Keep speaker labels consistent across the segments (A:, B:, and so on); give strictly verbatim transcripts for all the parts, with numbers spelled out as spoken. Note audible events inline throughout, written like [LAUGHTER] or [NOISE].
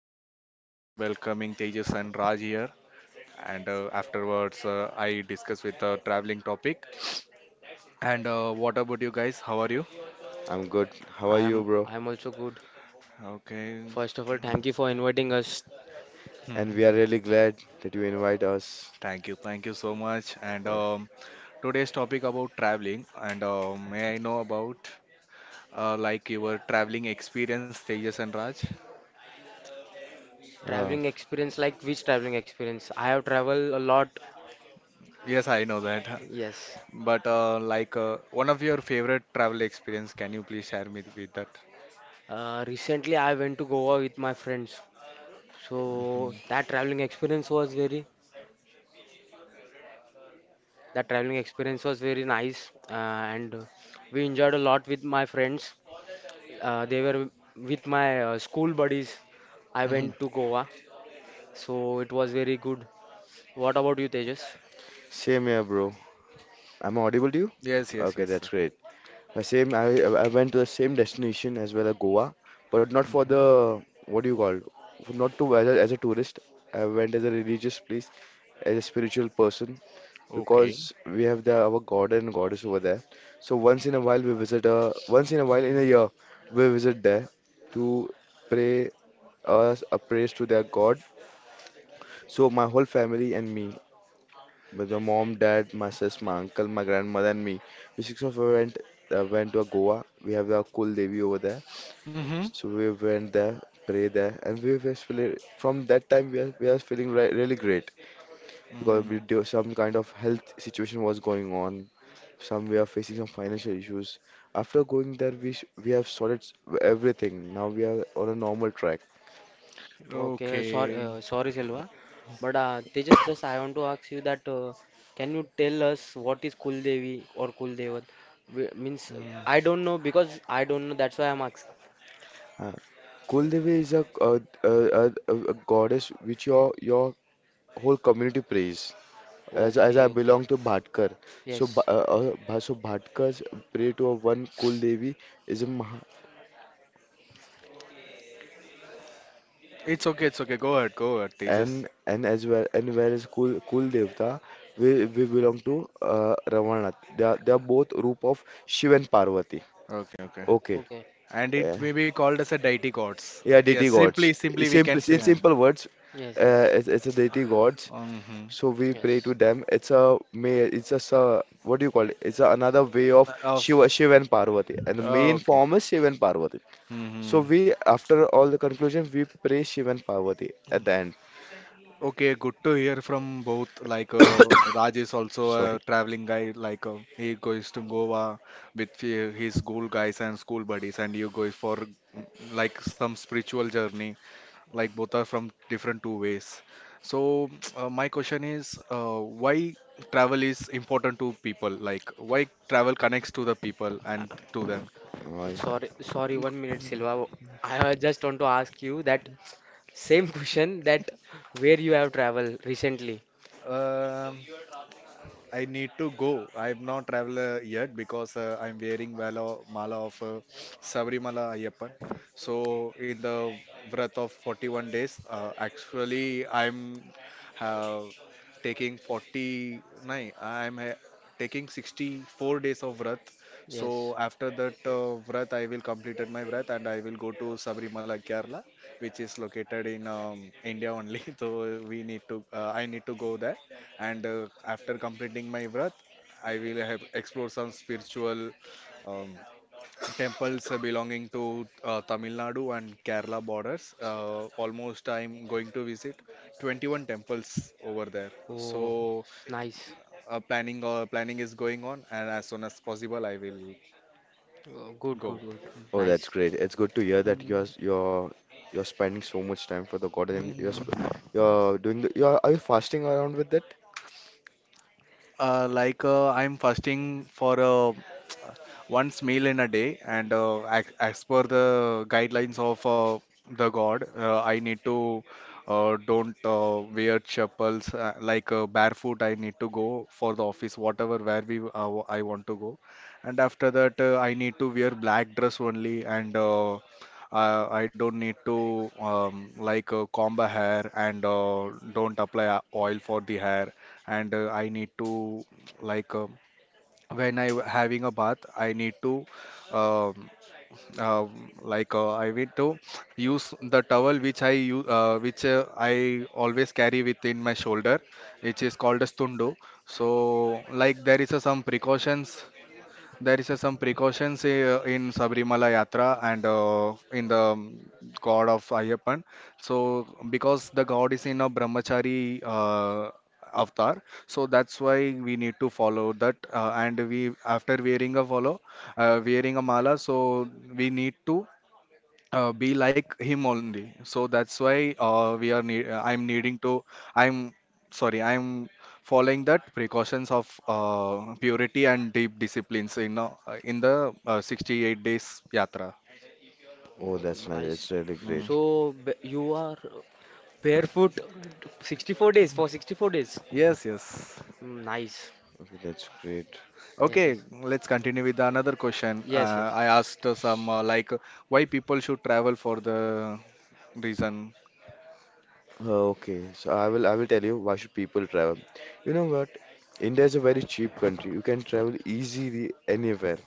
A: uh, today I am welcoming Tejas and Raj here. And uh, Afterwards, uh, I discuss with the traveling topic. And uh, What about you guys? How are you?
B: I'm good. How
C: I
B: are
C: am
B: you, bro?
C: I am also good.
A: Okay.
C: First of all, thank you for inviting us.
B: And we are
A: um,
B: really glad that you invite us.
A: [LAUGHS] Thank you, thank you so much. And
B: Yeah.
A: um, Today's topic about traveling. And uh, May I know about uh, like your traveling experience, Tejas and Raj?
B: Uh,
C: Traveling experience, like which traveling experience? I have traveled a lot.
A: Yes, I know that.
C: Yes.
A: [LAUGHS] But uh, like uh, one of your favorite travel experience, can you please share me with that?
C: Uh, recently I went to Goa with my friends. So that traveling experience was very that traveling experience was very nice, uh, and we enjoyed a lot with my friends. Uh, they were with my uh, school buddies. I
A: Hmm.
C: went to Goa. So it was very good. What about you, Tejas?
B: same here, bro. I'm audible to you?
A: Yes, yes,
B: Okay,
A: yes, sir.
B: that's great. Uh, same. I I went to the same destination as well as Goa, but not for the
A: Hmm.
B: what do you call? Not to as a, as a tourist. I went as a religious place, as a spiritual person,
A: Okay.
B: because we have the our god and goddess over there. So once in a while we visit. Uh, once in a while in
A: Mm-hmm.
B: a year we visit there to pray us a praise to their god. So my whole family and me, with my mom, dad, my sis, my uncle, my grandmother, and me, we six of us went uh, went to Goa. We have the cool Devi over there, so we went there, pray there, and we were feeling from that time we are we are feeling re- really great because we
A: Mm.
B: do some kind of health situation was going on. Some we are
A: Okay.
B: facing some financial issues. After going there, we s we have sorted s- everything. Now we are on a normal track.
C: Okay, sorry,
A: Okay.
C: uh, sorry, Silva. But uh, Tejas, just I want to ask you that, uh, can you tell us what is Kul Devi or Kul Devat? Wh- Means, uh,
A: Mm.
C: I don't know because I don't know. That's why I'm asking.
B: Uh, Kuldevi is a, uh uh uh a, a goddess which your your whole community prays. As, as
C: Okay,
B: I
C: okay.
B: belong to Bhatkar, so Bha-
C: Yes.
B: uh, uh, so Bhatkars pray to a one Kul Devi is a Maha,
A: It's okay, it's okay. Go ahead, go ahead, Tejas.
B: and and as well and whereas Kul Kul Devta we we belong to uh, Ravanath. They are, they are both roop of Shiv and Parvati.
A: Okay, okay.
B: Okay,
C: Okay.
A: And it
B: yeah,
A: may be called as a deity gods.
B: yeah,
A: Yeah,
B: deity gods.
A: simply,
B: In
A: simply we
B: simple
A: can
B: in
A: say.
B: simple words,
C: Yes,
B: uh,
C: yes,
B: it's, it's a deity gods.
A: Uh hmm.
B: So we pray to
C: yes.
B: them. It's a may. It's just a what do you call it? It's a, another way of
A: Of.
B: Shiva, Shiva and Parvati, and the main
A: Okay.
B: form is Shiva and Parvati. So
A: Mm-hmm.
B: we, after all the conclusion, we pray Shiva and Parvati at the end.
A: Okay, good to hear from both. Like uh, Raj is also a
B: Sorry.
A: traveling guy. Like uh, he goes to Goa with fe- his school guys and school buddies, and you go for mm, like some spiritual journey. Like both are from different two ways. So [TSK] uh, my question is, uh, why travel is important to people? Like why travel connects to the people and to them?
B: Oh, yeah.
C: Sorry, sorry. One minute, Silva. I uh, just want to ask you that same question, that where you have traveled recently.
A: Um, I need to go. I've not traveled uh, yet, because uh, I'm wearing vala, mala of uh, Sabrimala Ayyappan. So in the breath of forty-one days, uh, actually I'm uh, taking forty-nine. I'm uh, taking sixty-four days of vrat.
C: Yes.
A: So after that uh, vrat, I will completed my vrat and I will go to Sabrimala Kerala, which is located in um, India only. [LAUGHS] So we need to. Uh, I need to go there, and uh, after completing my vrat, I will have explore some spiritual um, temples uh, belonging to uh, Tamil Nadu and Kerala borders. Uh, almost I'm going to visit twenty-one temples over there.
C: Oh,
A: So
C: nice.
A: uh, planning uh, planning is going on, and as soon as possible I will
C: Oh, good,
A: go.
C: good, good.
B: Oh, that's
C: Nice.
B: great. It's good to hear that you're you're you're spending so much time for the God and you're sp
A: Mm-hmm.
B: you're doing the, you're are you fasting around with that?
A: Uh, like uh, I'm fasting for uh, [TSK] once meal in a day, and uh, as, as per the guidelines of uh, the God, uh, I need to uh, don't uh, wear chappals uh, like uh, barefoot. I need to go for the office, whatever where we uh, w- I want to go, and after that uh, I need to wear black dress only, and uh, uh, I don't need to um, like uh, comb a hair, and uh, don't apply uh, oil for the hair, and uh, I need to like uh, when I having a bath, I need to um, um, like uh, I need to use the towel which I use uh, which uh, I always carry within my shoulder, which is called as tundo. So like there is a, some precautions, there is uh, some precautions uh, in Sabrimala Yatra, and uh, in the um, god of Ayyappan. So, because the god is in a brahmachari uh, avatar, so that's why we need to follow that. Uh, and we, after wearing a follow, uh, wearing a mala, so we need to uh, be like him only. So that's why uh, we are need uh, I'm needing to I'm sorry, I'm following that precautions of uh, purity and deep disciplines in uh, in the uh, sixty-eight days yatra.
B: Oh,
C: Oh,
B: that's nice.
C: nice.
B: That's really great.
A: Mm.
C: So b- you are barefoot sixty-four days, for sixty-four days.
A: Yes, yes.
C: Mm, nice.
B: Okay, that's great.
C: Yes,
A: Okay,
C: yes.
A: let's continue with another question.
C: Yes,
A: Uh,
C: yes.
A: I asked uh, some, uh, like why people should travel, for the reason.
B: Okay, so I will I will tell you why should people travel. You know what? India is a very cheap country. You can travel easily anywhere.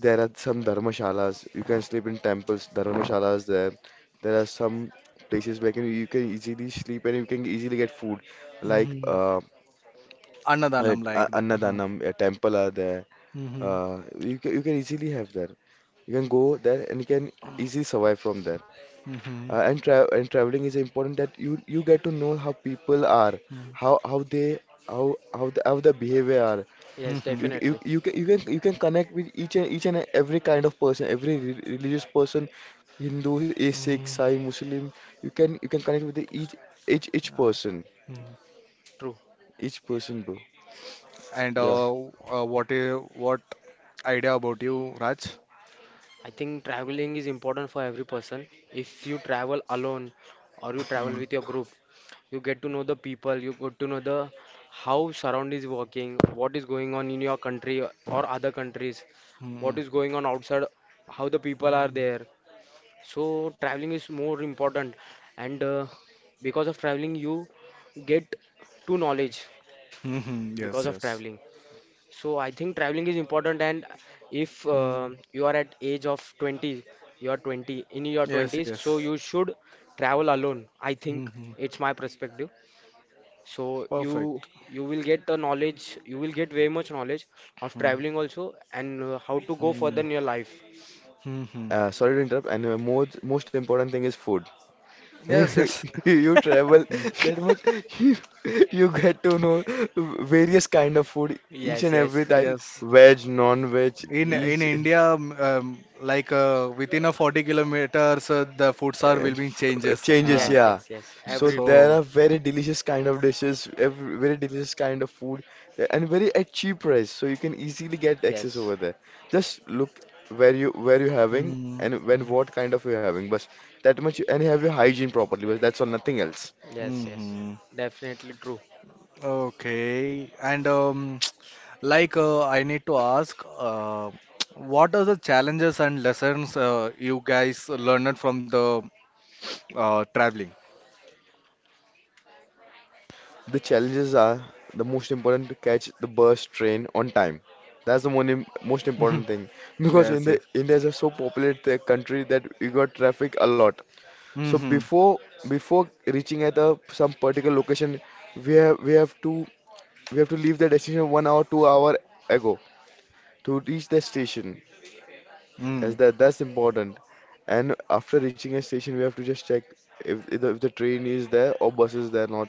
B: There are some dharmashalas. You can sleep in temples, dharmashalas there. There are some places where can, you can easily sleep and you can easily get food, like
A: Mm-hmm.
B: uh, uh,
A: Annadanam like that. Uh-huh.
B: Annadanam, a temple are there.
A: Mm-hmm.
B: Uh, you can, you can easily have there. You can go there and you can easily survive from there.
A: Hmm.
B: Uh, and tra and traveling is important that you you get to know how people are, how
A: Hmm.
B: how they how how the, how the behavior are.
C: Yes,
A: Hmm.
B: You, c- you
C: definitely.
B: you can you can you can connect with each and each and every kind of person, every re religious person, Hindu, a Sikh,
A: Hmm.
B: Sai, Muslim. You can you can connect with the each each each
A: Yeah.
B: person,
A: Mm.
C: True.
B: each person, bro.
A: And
B: Yeah.
A: uh,
C: Yes.
A: uh, what i- what idea about you, Raj?
C: I think traveling is important for every person. If you travel alone or you travel
A: Mm.
C: with your group, you get to know the people, you get to know the how surround is working, what is going on in your country or other countries,
A: Mm.
C: what is going on outside, how the people are
A: Mm.
C: there. So traveling is more important, and uh, because of traveling, you get to knowledge
A: Hmm. Yes,
C: because of
A: yes.
C: traveling. So I think traveling is important, and if uh,
A: Mm.
C: you are at age of twenty, you are twenty in your
A: Yes,
C: twenties, so
A: yes.
C: you should travel alone. I think
A: Hmm.
C: it's my perspective. So you
A: Perfect.
C: you will get the knowledge, you will get very much knowledge of
A: Mm.
C: traveling also, and uh, how to go further
A: Mm.
C: in your life.
A: Hmm.
B: Uh, sorry to interrupt. And uh, most most important thing is food. [LAUGHS]
A: Yes, yes.
B: You travel
A: Mm.
B: that much, [LAUGHS] you, you get to know various kind of food, each
C: Yes,
B: and
C: yes.
B: every type,
C: [LAUGHS]
A: Yes.
B: veg, non-veg,
A: In in
B: each
C: Yes,
A: India, um, um, like uh, within a forty kilometers, uh, the foods are
B: uh,
A: will be
B: f-
A: changes.
B: changes.
A: Ah.
C: yes,
B: Yeah,
C: yes, yes.
B: so
C: Every
B: there are
A: So.
B: very delicious kind of dishes, every, very delicious kind of food, uh, and very at cheap price. So you can easily get access
C: Yes,
B: over there. Just look where you where you having
A: Mm.
B: and when what kind of you having. But that much, and have your hygiene properly. But that's all, nothing else.
C: yes,
A: Mm.
C: yes.
A: Hmm.
C: Definitely true.
A: Okay. And um, Like, uh, I need to ask, uh, [TSK] what are the challenges and lessons uh, you guys learned from the uh, traveling?
B: The challenges are the most important to catch the bus train on time. That's the one im- most
A: Mhm.
B: important thing because in
A: Yes, yes.
B: the India is a so populated uh, country that we got traffic a lot. So
A: Mm-hmm.
B: before before reaching at a some particular location, we have we have to we have to leave the destination one hour two hour ago to reach the station. That's
A: Mm.
B: that that's important. And after reaching a station, we have to just check if, if, the, if the train is there or bus is there not.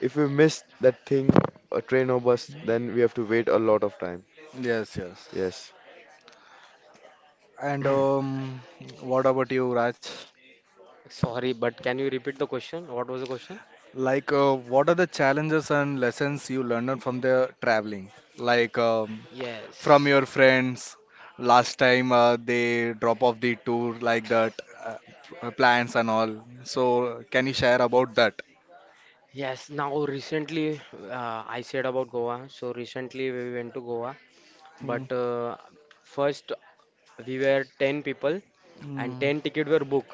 B: If we miss that thing, a train or bus, then we have to wait a lot of time.
A: Yes, yes.
B: Yes.
A: And
B: [CLEARS THROAT]
A: um, What about you, Raj?
C: Sorry, but can you repeat the question? What was the question?
A: Like, uh, what are the challenges and lessons you learned from the traveling? Like, um, from
C: Yes,
A: your friends, last time uh, they drop off the tour like that, uh, p- uh, plans and all. So, can you share about that?
C: yes. Now, recently, uh, I said about Goa. So, recently we went to Goa.
A: Mm,
C: But uh, first, we were ten people and
A: mm,
C: ten tickets were booked.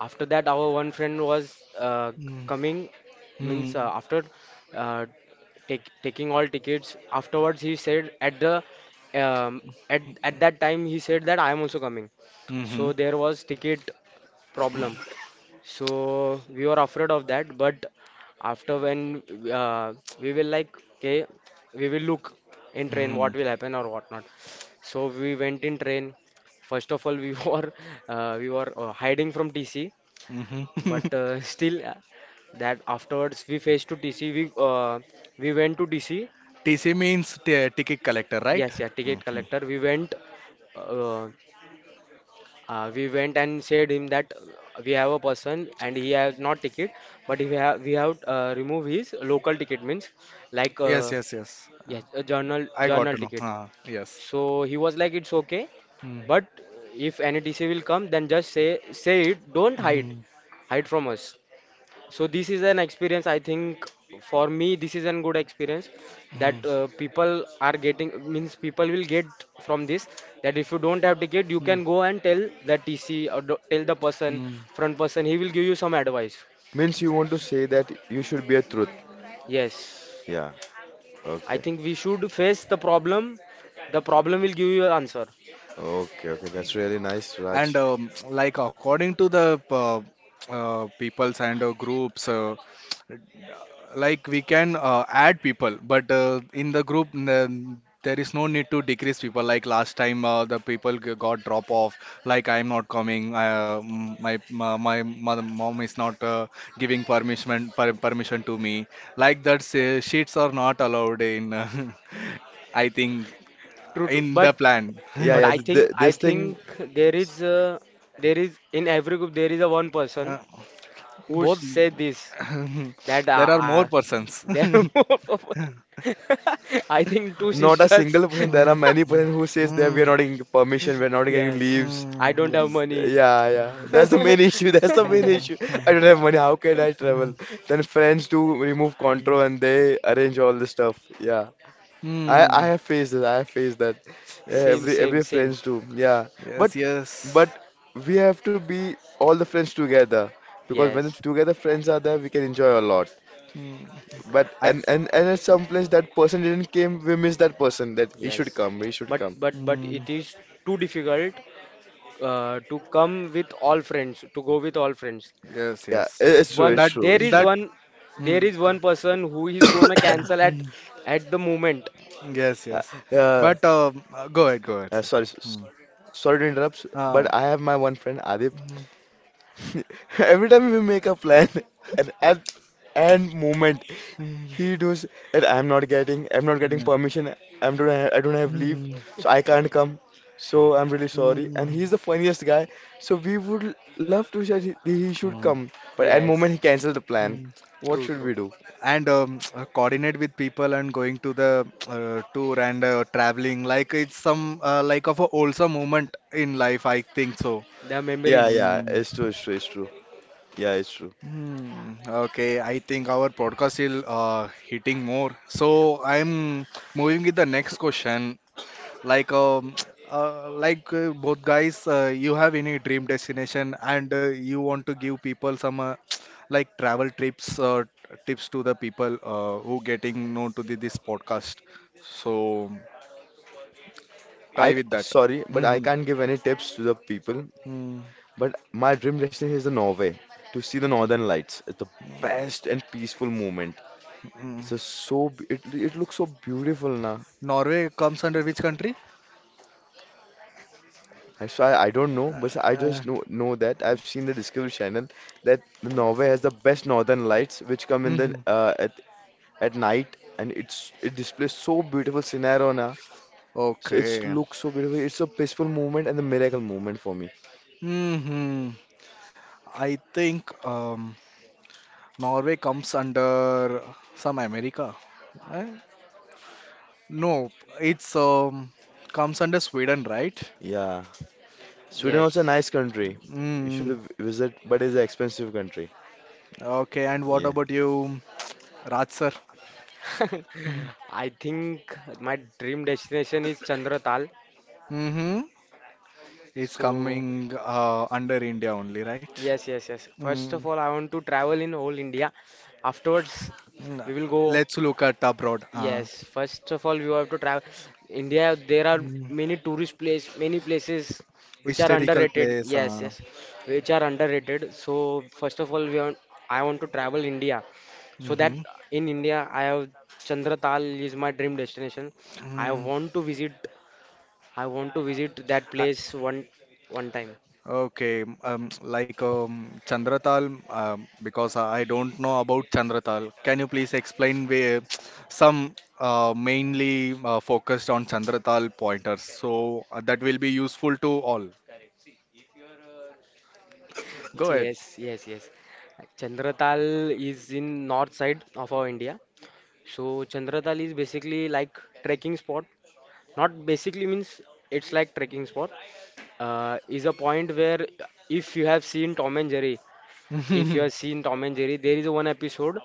C: After that, our one friend was uh,
A: mm,
C: coming, means, uh,
A: mm,
C: after uh, take, taking all tickets. Afterwards, he said at the um, at at that time he said that I am also coming,
A: mhm,
C: so there was ticket problem, so we were afraid of that. But after, when uh, we will, like, okay, we will look in train what
A: mhm,
C: will happen or whatnot. So we went in train. First of all, we [LAUGHS] were uh, we were uh, hiding from T C.
A: mhm. [LAUGHS]
C: But uh, [LAUGHS] still, uh, that afterwards we faced to T C, we uh, we went to D C.
A: T C means t- ticket collector, right?
C: Yes, yeah, ticket
A: Mhm.
C: collector. We went, uh, Uh, we went and said him that we have a person and he has not ticket, but if we have we have, uh, remove his local ticket, means, like,
A: Yes,
C: uh,
A: yes, yes. Uh,
C: yes, a journal
A: I got
C: journal
A: to know.
C: ticket.
A: Uh, yes.
C: So he was like, it's okay,
A: Mm,
C: but if any T C will come, then just say say it. Don't hide,
A: mm,
C: hide from us. So this is an experience, I think. For me this is an good experience,
A: mm,
C: that, uh, people are getting, means people will get from this, that if you don't have ticket you
A: mm,
C: can go and tell the T C or the- tell the person,
A: mm.
C: front person, he will give you some advice.
B: Means you want to say that you should be a truth.
C: Yes,
B: Yeah.
C: I
B: Okay.
C: think we should face the problem. The problem will give you an answer.
B: Okay. Okay. That's really nice,
A: And
B: Raj.
A: um, Like, according to the uh, uh, peoples and uh, groups, uh, like we can uh, add people, but uh, in the group n- um, there is no need to decrease people. Like last time, uh, the people g- got drop off. Like I am not coming. Uh, m- my my, my mother, mom is not uh, giving permission, per, permission to me. Like that, uh, sheets are not allowed in. Uh, [LAUGHS] I think
C: True, true.
A: in the
C: But
A: plan.
B: Yeah.
C: but
B: Yeah.
C: I
B: th- th-
C: think I
B: this thing,
C: think there is a, there is in every group there is a one person
A: [LAUGHS]
C: who
A: Both.
C: say this. That
A: [LAUGHS]
C: uh,
A: There are more
C: uh,
A: persons.
C: there are [LAUGHS]
A: [LAUGHS]
C: more for- [LAUGHS] I think two
B: not a
C: sisters.
B: single person. There are
A: Mm,
C: [LAUGHS]
B: many
A: mm,
B: person who says that we are
A: mm,
B: not getting permission. We are not getting
A: mm,
C: Yes,
B: leaves.
C: I
A: mm,
C: don't have
A: yes.
C: money.
B: Yeah. Yeah.
A: Mm,
B: That's the main [LAUGHS]
C: [LAUGHS]
B: issue. That's the main
A: mm,
B: issue. I don't
A: mm,
B: have money. How can I
A: mm,
B: travel? Then friends do remove
A: mm,
B: control and they arrange all the stuff. Yeah. I I
A: mm,
B: have faced that. I have faced that. Yeah,
C: Same,
A: yes.
B: Every
C: same,
B: every
C: same.
B: friends do. Yeah, but
A: Yes.
B: but
A: Yes.
B: we have to be all the friends together because when it's
C: Yes,
B: together friends are there, we can enjoy a lot.
A: Mm,
B: But
A: I.
B: and and and at some place that person didn't came, we miss that person. That he should
C: yes.
B: come. He should
C: But
B: come.
C: but but
A: Mm,
C: it is too difficult uh, to come with all friends, to go with all friends.
A: yes.
B: Yeah, i-
A: Yes.
B: it's true.
C: One
B: It's
A: That.
B: true.
C: there
B: It's
C: is
B: true.
A: That.
C: one there
A: Mm,
C: is
A: go-
C: one person who is gonna
A: Mm,
C: cancel
B: [COUGHS]
C: at
A: mm,
C: at the moment.
A: yes.
B: Uh,
A: Yes.
B: yeah.
A: But um, uh, go ahead. Go ahead,
B: Uh,
A: sir.
B: sorry, s-
A: Mm.
B: Sorry to interrupt, but
A: Um,
B: I have my one friend Adip.
A: mm,
B: [LAUGHS] Every time we make a plan, and at and moment
A: mm,
B: he does that I'm not getting I'm not getting
A: mm,
B: permission. I'm don't have, I don't have leave,
A: mm,
B: so I can't come. So I'm really sorry. And
A: mm,
B: he's the funniest guy. So we would love to say he, he should
A: mm,
B: come, but at moment
C: Yes,
B: he canceled the plan.
A: mm.
B: What
C: true,
B: should
C: true.
B: we do?
A: And um, [TSK] uh, coordinate with people and going to the uh, tour and uh, traveling, like it's some, uh, like of a also moment in life, I think so.
C: The
B: Yeah,
C: memories.
B: yeah,
A: Hmm.
B: it's true, it's true, it's true. Yeah, it's true.
A: Hmm, okay, I think our podcast is uh, hitting more. So I'm moving with the next question. Like um [TSK] uh, like uh, both guys, uh, you have any dream destination? And uh, you want to give people some, uh, [TSK] like travel trips uh, tips to the people uh, who getting known to the, this podcast, so try
B: I
A: with that.
B: sorry, but I
A: Hmm.
B: can't give any tips to the people.
A: Mm.
B: But my dream destination is the Norway to see the Northern Lights. It's the best and peaceful moment.
A: Mm.
B: It's just so b- it it looks so beautiful now.
A: Norway comes under which country?
B: I so I, I don't know, but I
A: uh,
B: just know know that I've seen the Discovery Channel that the Norway has the best Northern Lights which come in the
A: hmm.
B: uh, at at night and it's it displays so beautiful scenario now. So it's
A: Okay.
B: looks so beautiful. It's a peaceful moment and a miracle moment for me.
A: Hmm. I think um Norway comes under some America. Eh? No, it's um comes under Sweden, right?
B: Yeah, Sweden also a
C: Yes.
B: nice country. You should
A: Mm,
B: visit, but it's an expensive country.
A: okay, and what
B: Yeah.
A: about you, Raj sir?
C: [LAUGHS] I think my dream destination is Chandratal.
A: Mm-hmm. It's
C: So,
A: coming uh, under India only, right?
C: yes, yes, yes. First
A: Mm,
C: of all, I want to travel in whole India. Afterwards,
A: mm,
C: we will go.
A: let's look at abroad. Uh,
C: Yes, first of all, we have to travel. India, there are
A: mm,
C: many tourist place, many places which are
A: Historical
C: underrated.
A: place.
C: Yes,
A: Uh,
C: yes, which are underrated. So, first of all, we want, I want to travel India. So that
A: mm-hmm.
C: in India, I have Chandratal is my dream destination. I
A: Mm,
C: want to visit I want to visit that
A: I,
C: place one one time.
A: okay, um, like um, Chandratal, um, because I I don't know about Chandratal. Can you please explain, where [TSK] some uh, mainly uh, focused on Chandratal pointers? So uh, that will be useful to all. Go ahead.
C: Yes, yes, yes. Chandratal is in north side of our India. So Chandratal is basically like trekking spot. Not basically, means it's like trekking spot. Uh, is a point where if you have seen Tom and Jerry, if you have
A: [LAUGHS]
C: seen Tom and Jerry, there is one episode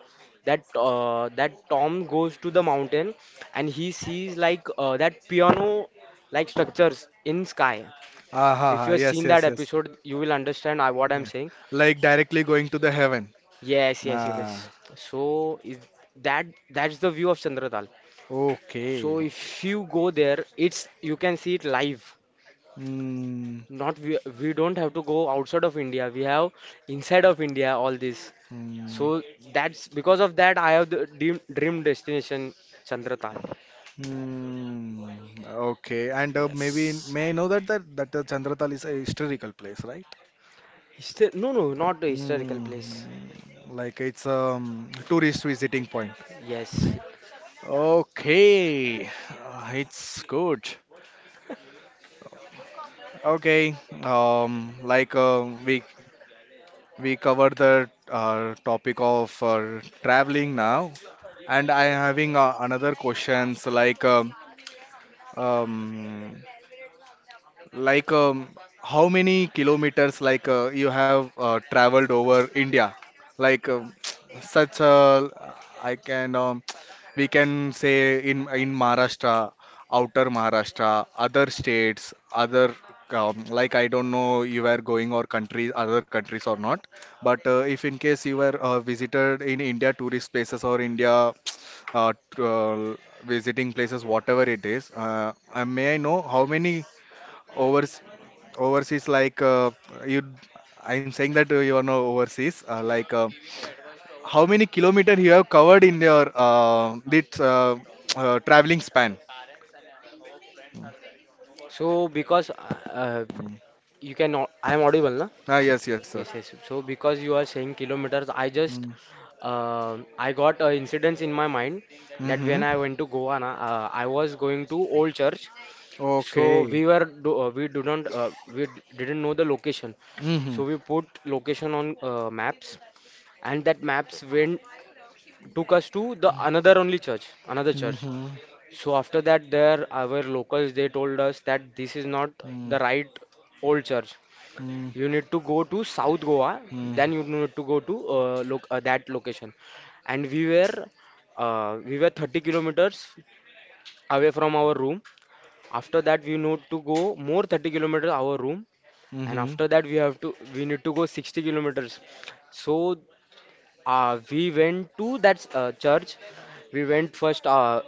C: that, uh, that Tom goes to the mountain and he sees, like, uh, that piano like structures in sky.
A: Ah, ha,
C: If you
A: ha.
C: have seen
A: Yes,
C: that
A: yes, yes.
C: episode, you will understand I, what I'm
A: Yeah.
C: saying.
A: Like directly going to the heaven.
C: Yes, yes, yes, yes.
A: Ah,
C: So is that that's the view of Chandradal.
A: okay.
C: So if you go there, it's you can see it live.
A: Hmm.
C: Not we, we don't have to go outside of India. We have inside of India all this.
A: Hmm.
C: So that's because of that I have the dream, dream destination Chandratal.
A: Hmm. Okay. And uh, Maybe
C: Yes.
A: may I know that that that uh, Chandratal is a historical place, right?
C: Histo- no, no, not a historical
A: Hmm.
C: place.
A: Like it's um tourist visiting point.
C: Yes.
A: Okay. Uh, it's good. Okay. Um. Like uh, we we covered the uh, topic of uh, traveling now, and I am having uh, another questions like um, um like, um, how many kilometers like uh, you have uh, traveled over India? Like, um, [TSK] such a, I can, um, [TSK] we can say in in Maharashtra, outer Maharashtra, other states, other um, like, I don't know you were going or countries, other countries or not. But uh, if in case you were uh, visited in India tourist places or India [TSK] uh, tr- uh, visiting places, whatever it is, uh, uh, may I know how many? Over Overseas like, uh, you I'm saying that uh, you are now overseas, uh, like uh, how many kilometer you have covered in your uh, this uh, uh, traveling span.
C: So because, uh, uh,
A: Mm.
C: you can I am audible, na?
A: Ah, yes, yes, sir.
C: Yes, yes. So because you are saying kilometers, I just
A: Mm.
C: uh, I got a incident in my mind, that
A: Mm-hmm.
C: when I went to Goa, na, uh, I was going to Old Church. So
A: Okay.
C: we were do, uh, we do not, uh, we d- didn't know the location.
A: Mm-hmm.
C: So we put location on, uh, maps, and that maps went took us to the another only church, another church.
A: Mm-hmm.
C: So after that, there our locals they told us that this is not
A: Mm-hmm.
C: the right Old Church. You need to go to South Goa, then you need to go to, uh, loc uh, that location. And we were, uh, we were thirty kilometers away from our room. After that, we need to go more thirty kilometers our room, and
A: Mm-hmm.
C: after that, we have to we need to go sixty kilometers. So uh, we went to that, uh, church. We went first uh,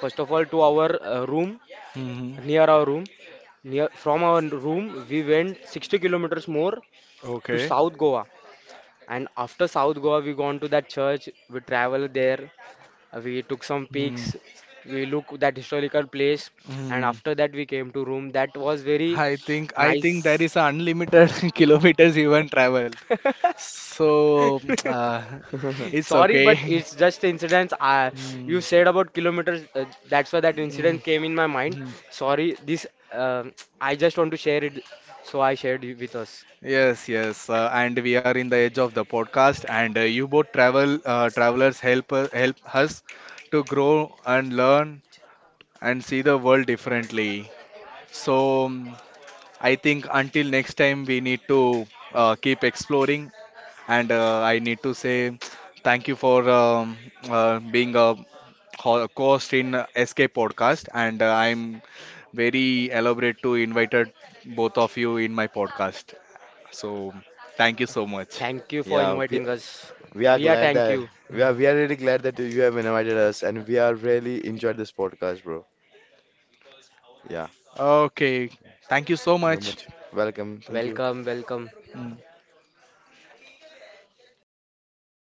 C: First of all to our, uh, room,
A: Mm-hmm.
C: near our room, near from our room, we went sixty kilometers more to
A: Okay.
C: south goa. And after South Goa, we gone to that church. We traveled there. uh, We took some
A: Mm.
C: pics. We look that historical place. And
A: Mm.
C: after that, we came to room. That was very
A: I think I think there
C: nice.
A: is unlimited [LAUGHS] kilometers you even travel, so [TSK] uh,
C: [LAUGHS]
A: it's
B: [LAUGHS]
C: Sorry, but
A: okay. [LAUGHS]
C: it's just incidents. Uh, you
A: Mm,
C: said about kilometers. Uh, that's why that
A: mm,
C: incident came in my mind.
A: mm.
C: Sorry, this. um [TSK] I just want to share it. So I shared it with us.
A: Yes, yes, uh, and we are in the edge of the podcast, and uh, you both travel, uh, travelers help uh, help us to grow and learn and see the world differently. So. um, I think until next time, we need to uh, keep exploring. And uh, I need to say [TSK] thank you for um, uh, being a ho- host in S K podcast. And uh, I'm very elaborate to invited both of you in my podcast. So thank you so much.
C: Thank you for
B: Yeah, we
C: inviting us.
B: we are
C: We are
B: glad
C: thank
B: that
C: you.
B: we are
A: Mm.
B: we are really glad that you have invited us, and we are really enjoyed this podcast, bro. Yeah,
A: Okay, thank you so
B: very
A: much.
B: much welcome. Thank you.
C: Welcome, welcome.
A: Mm.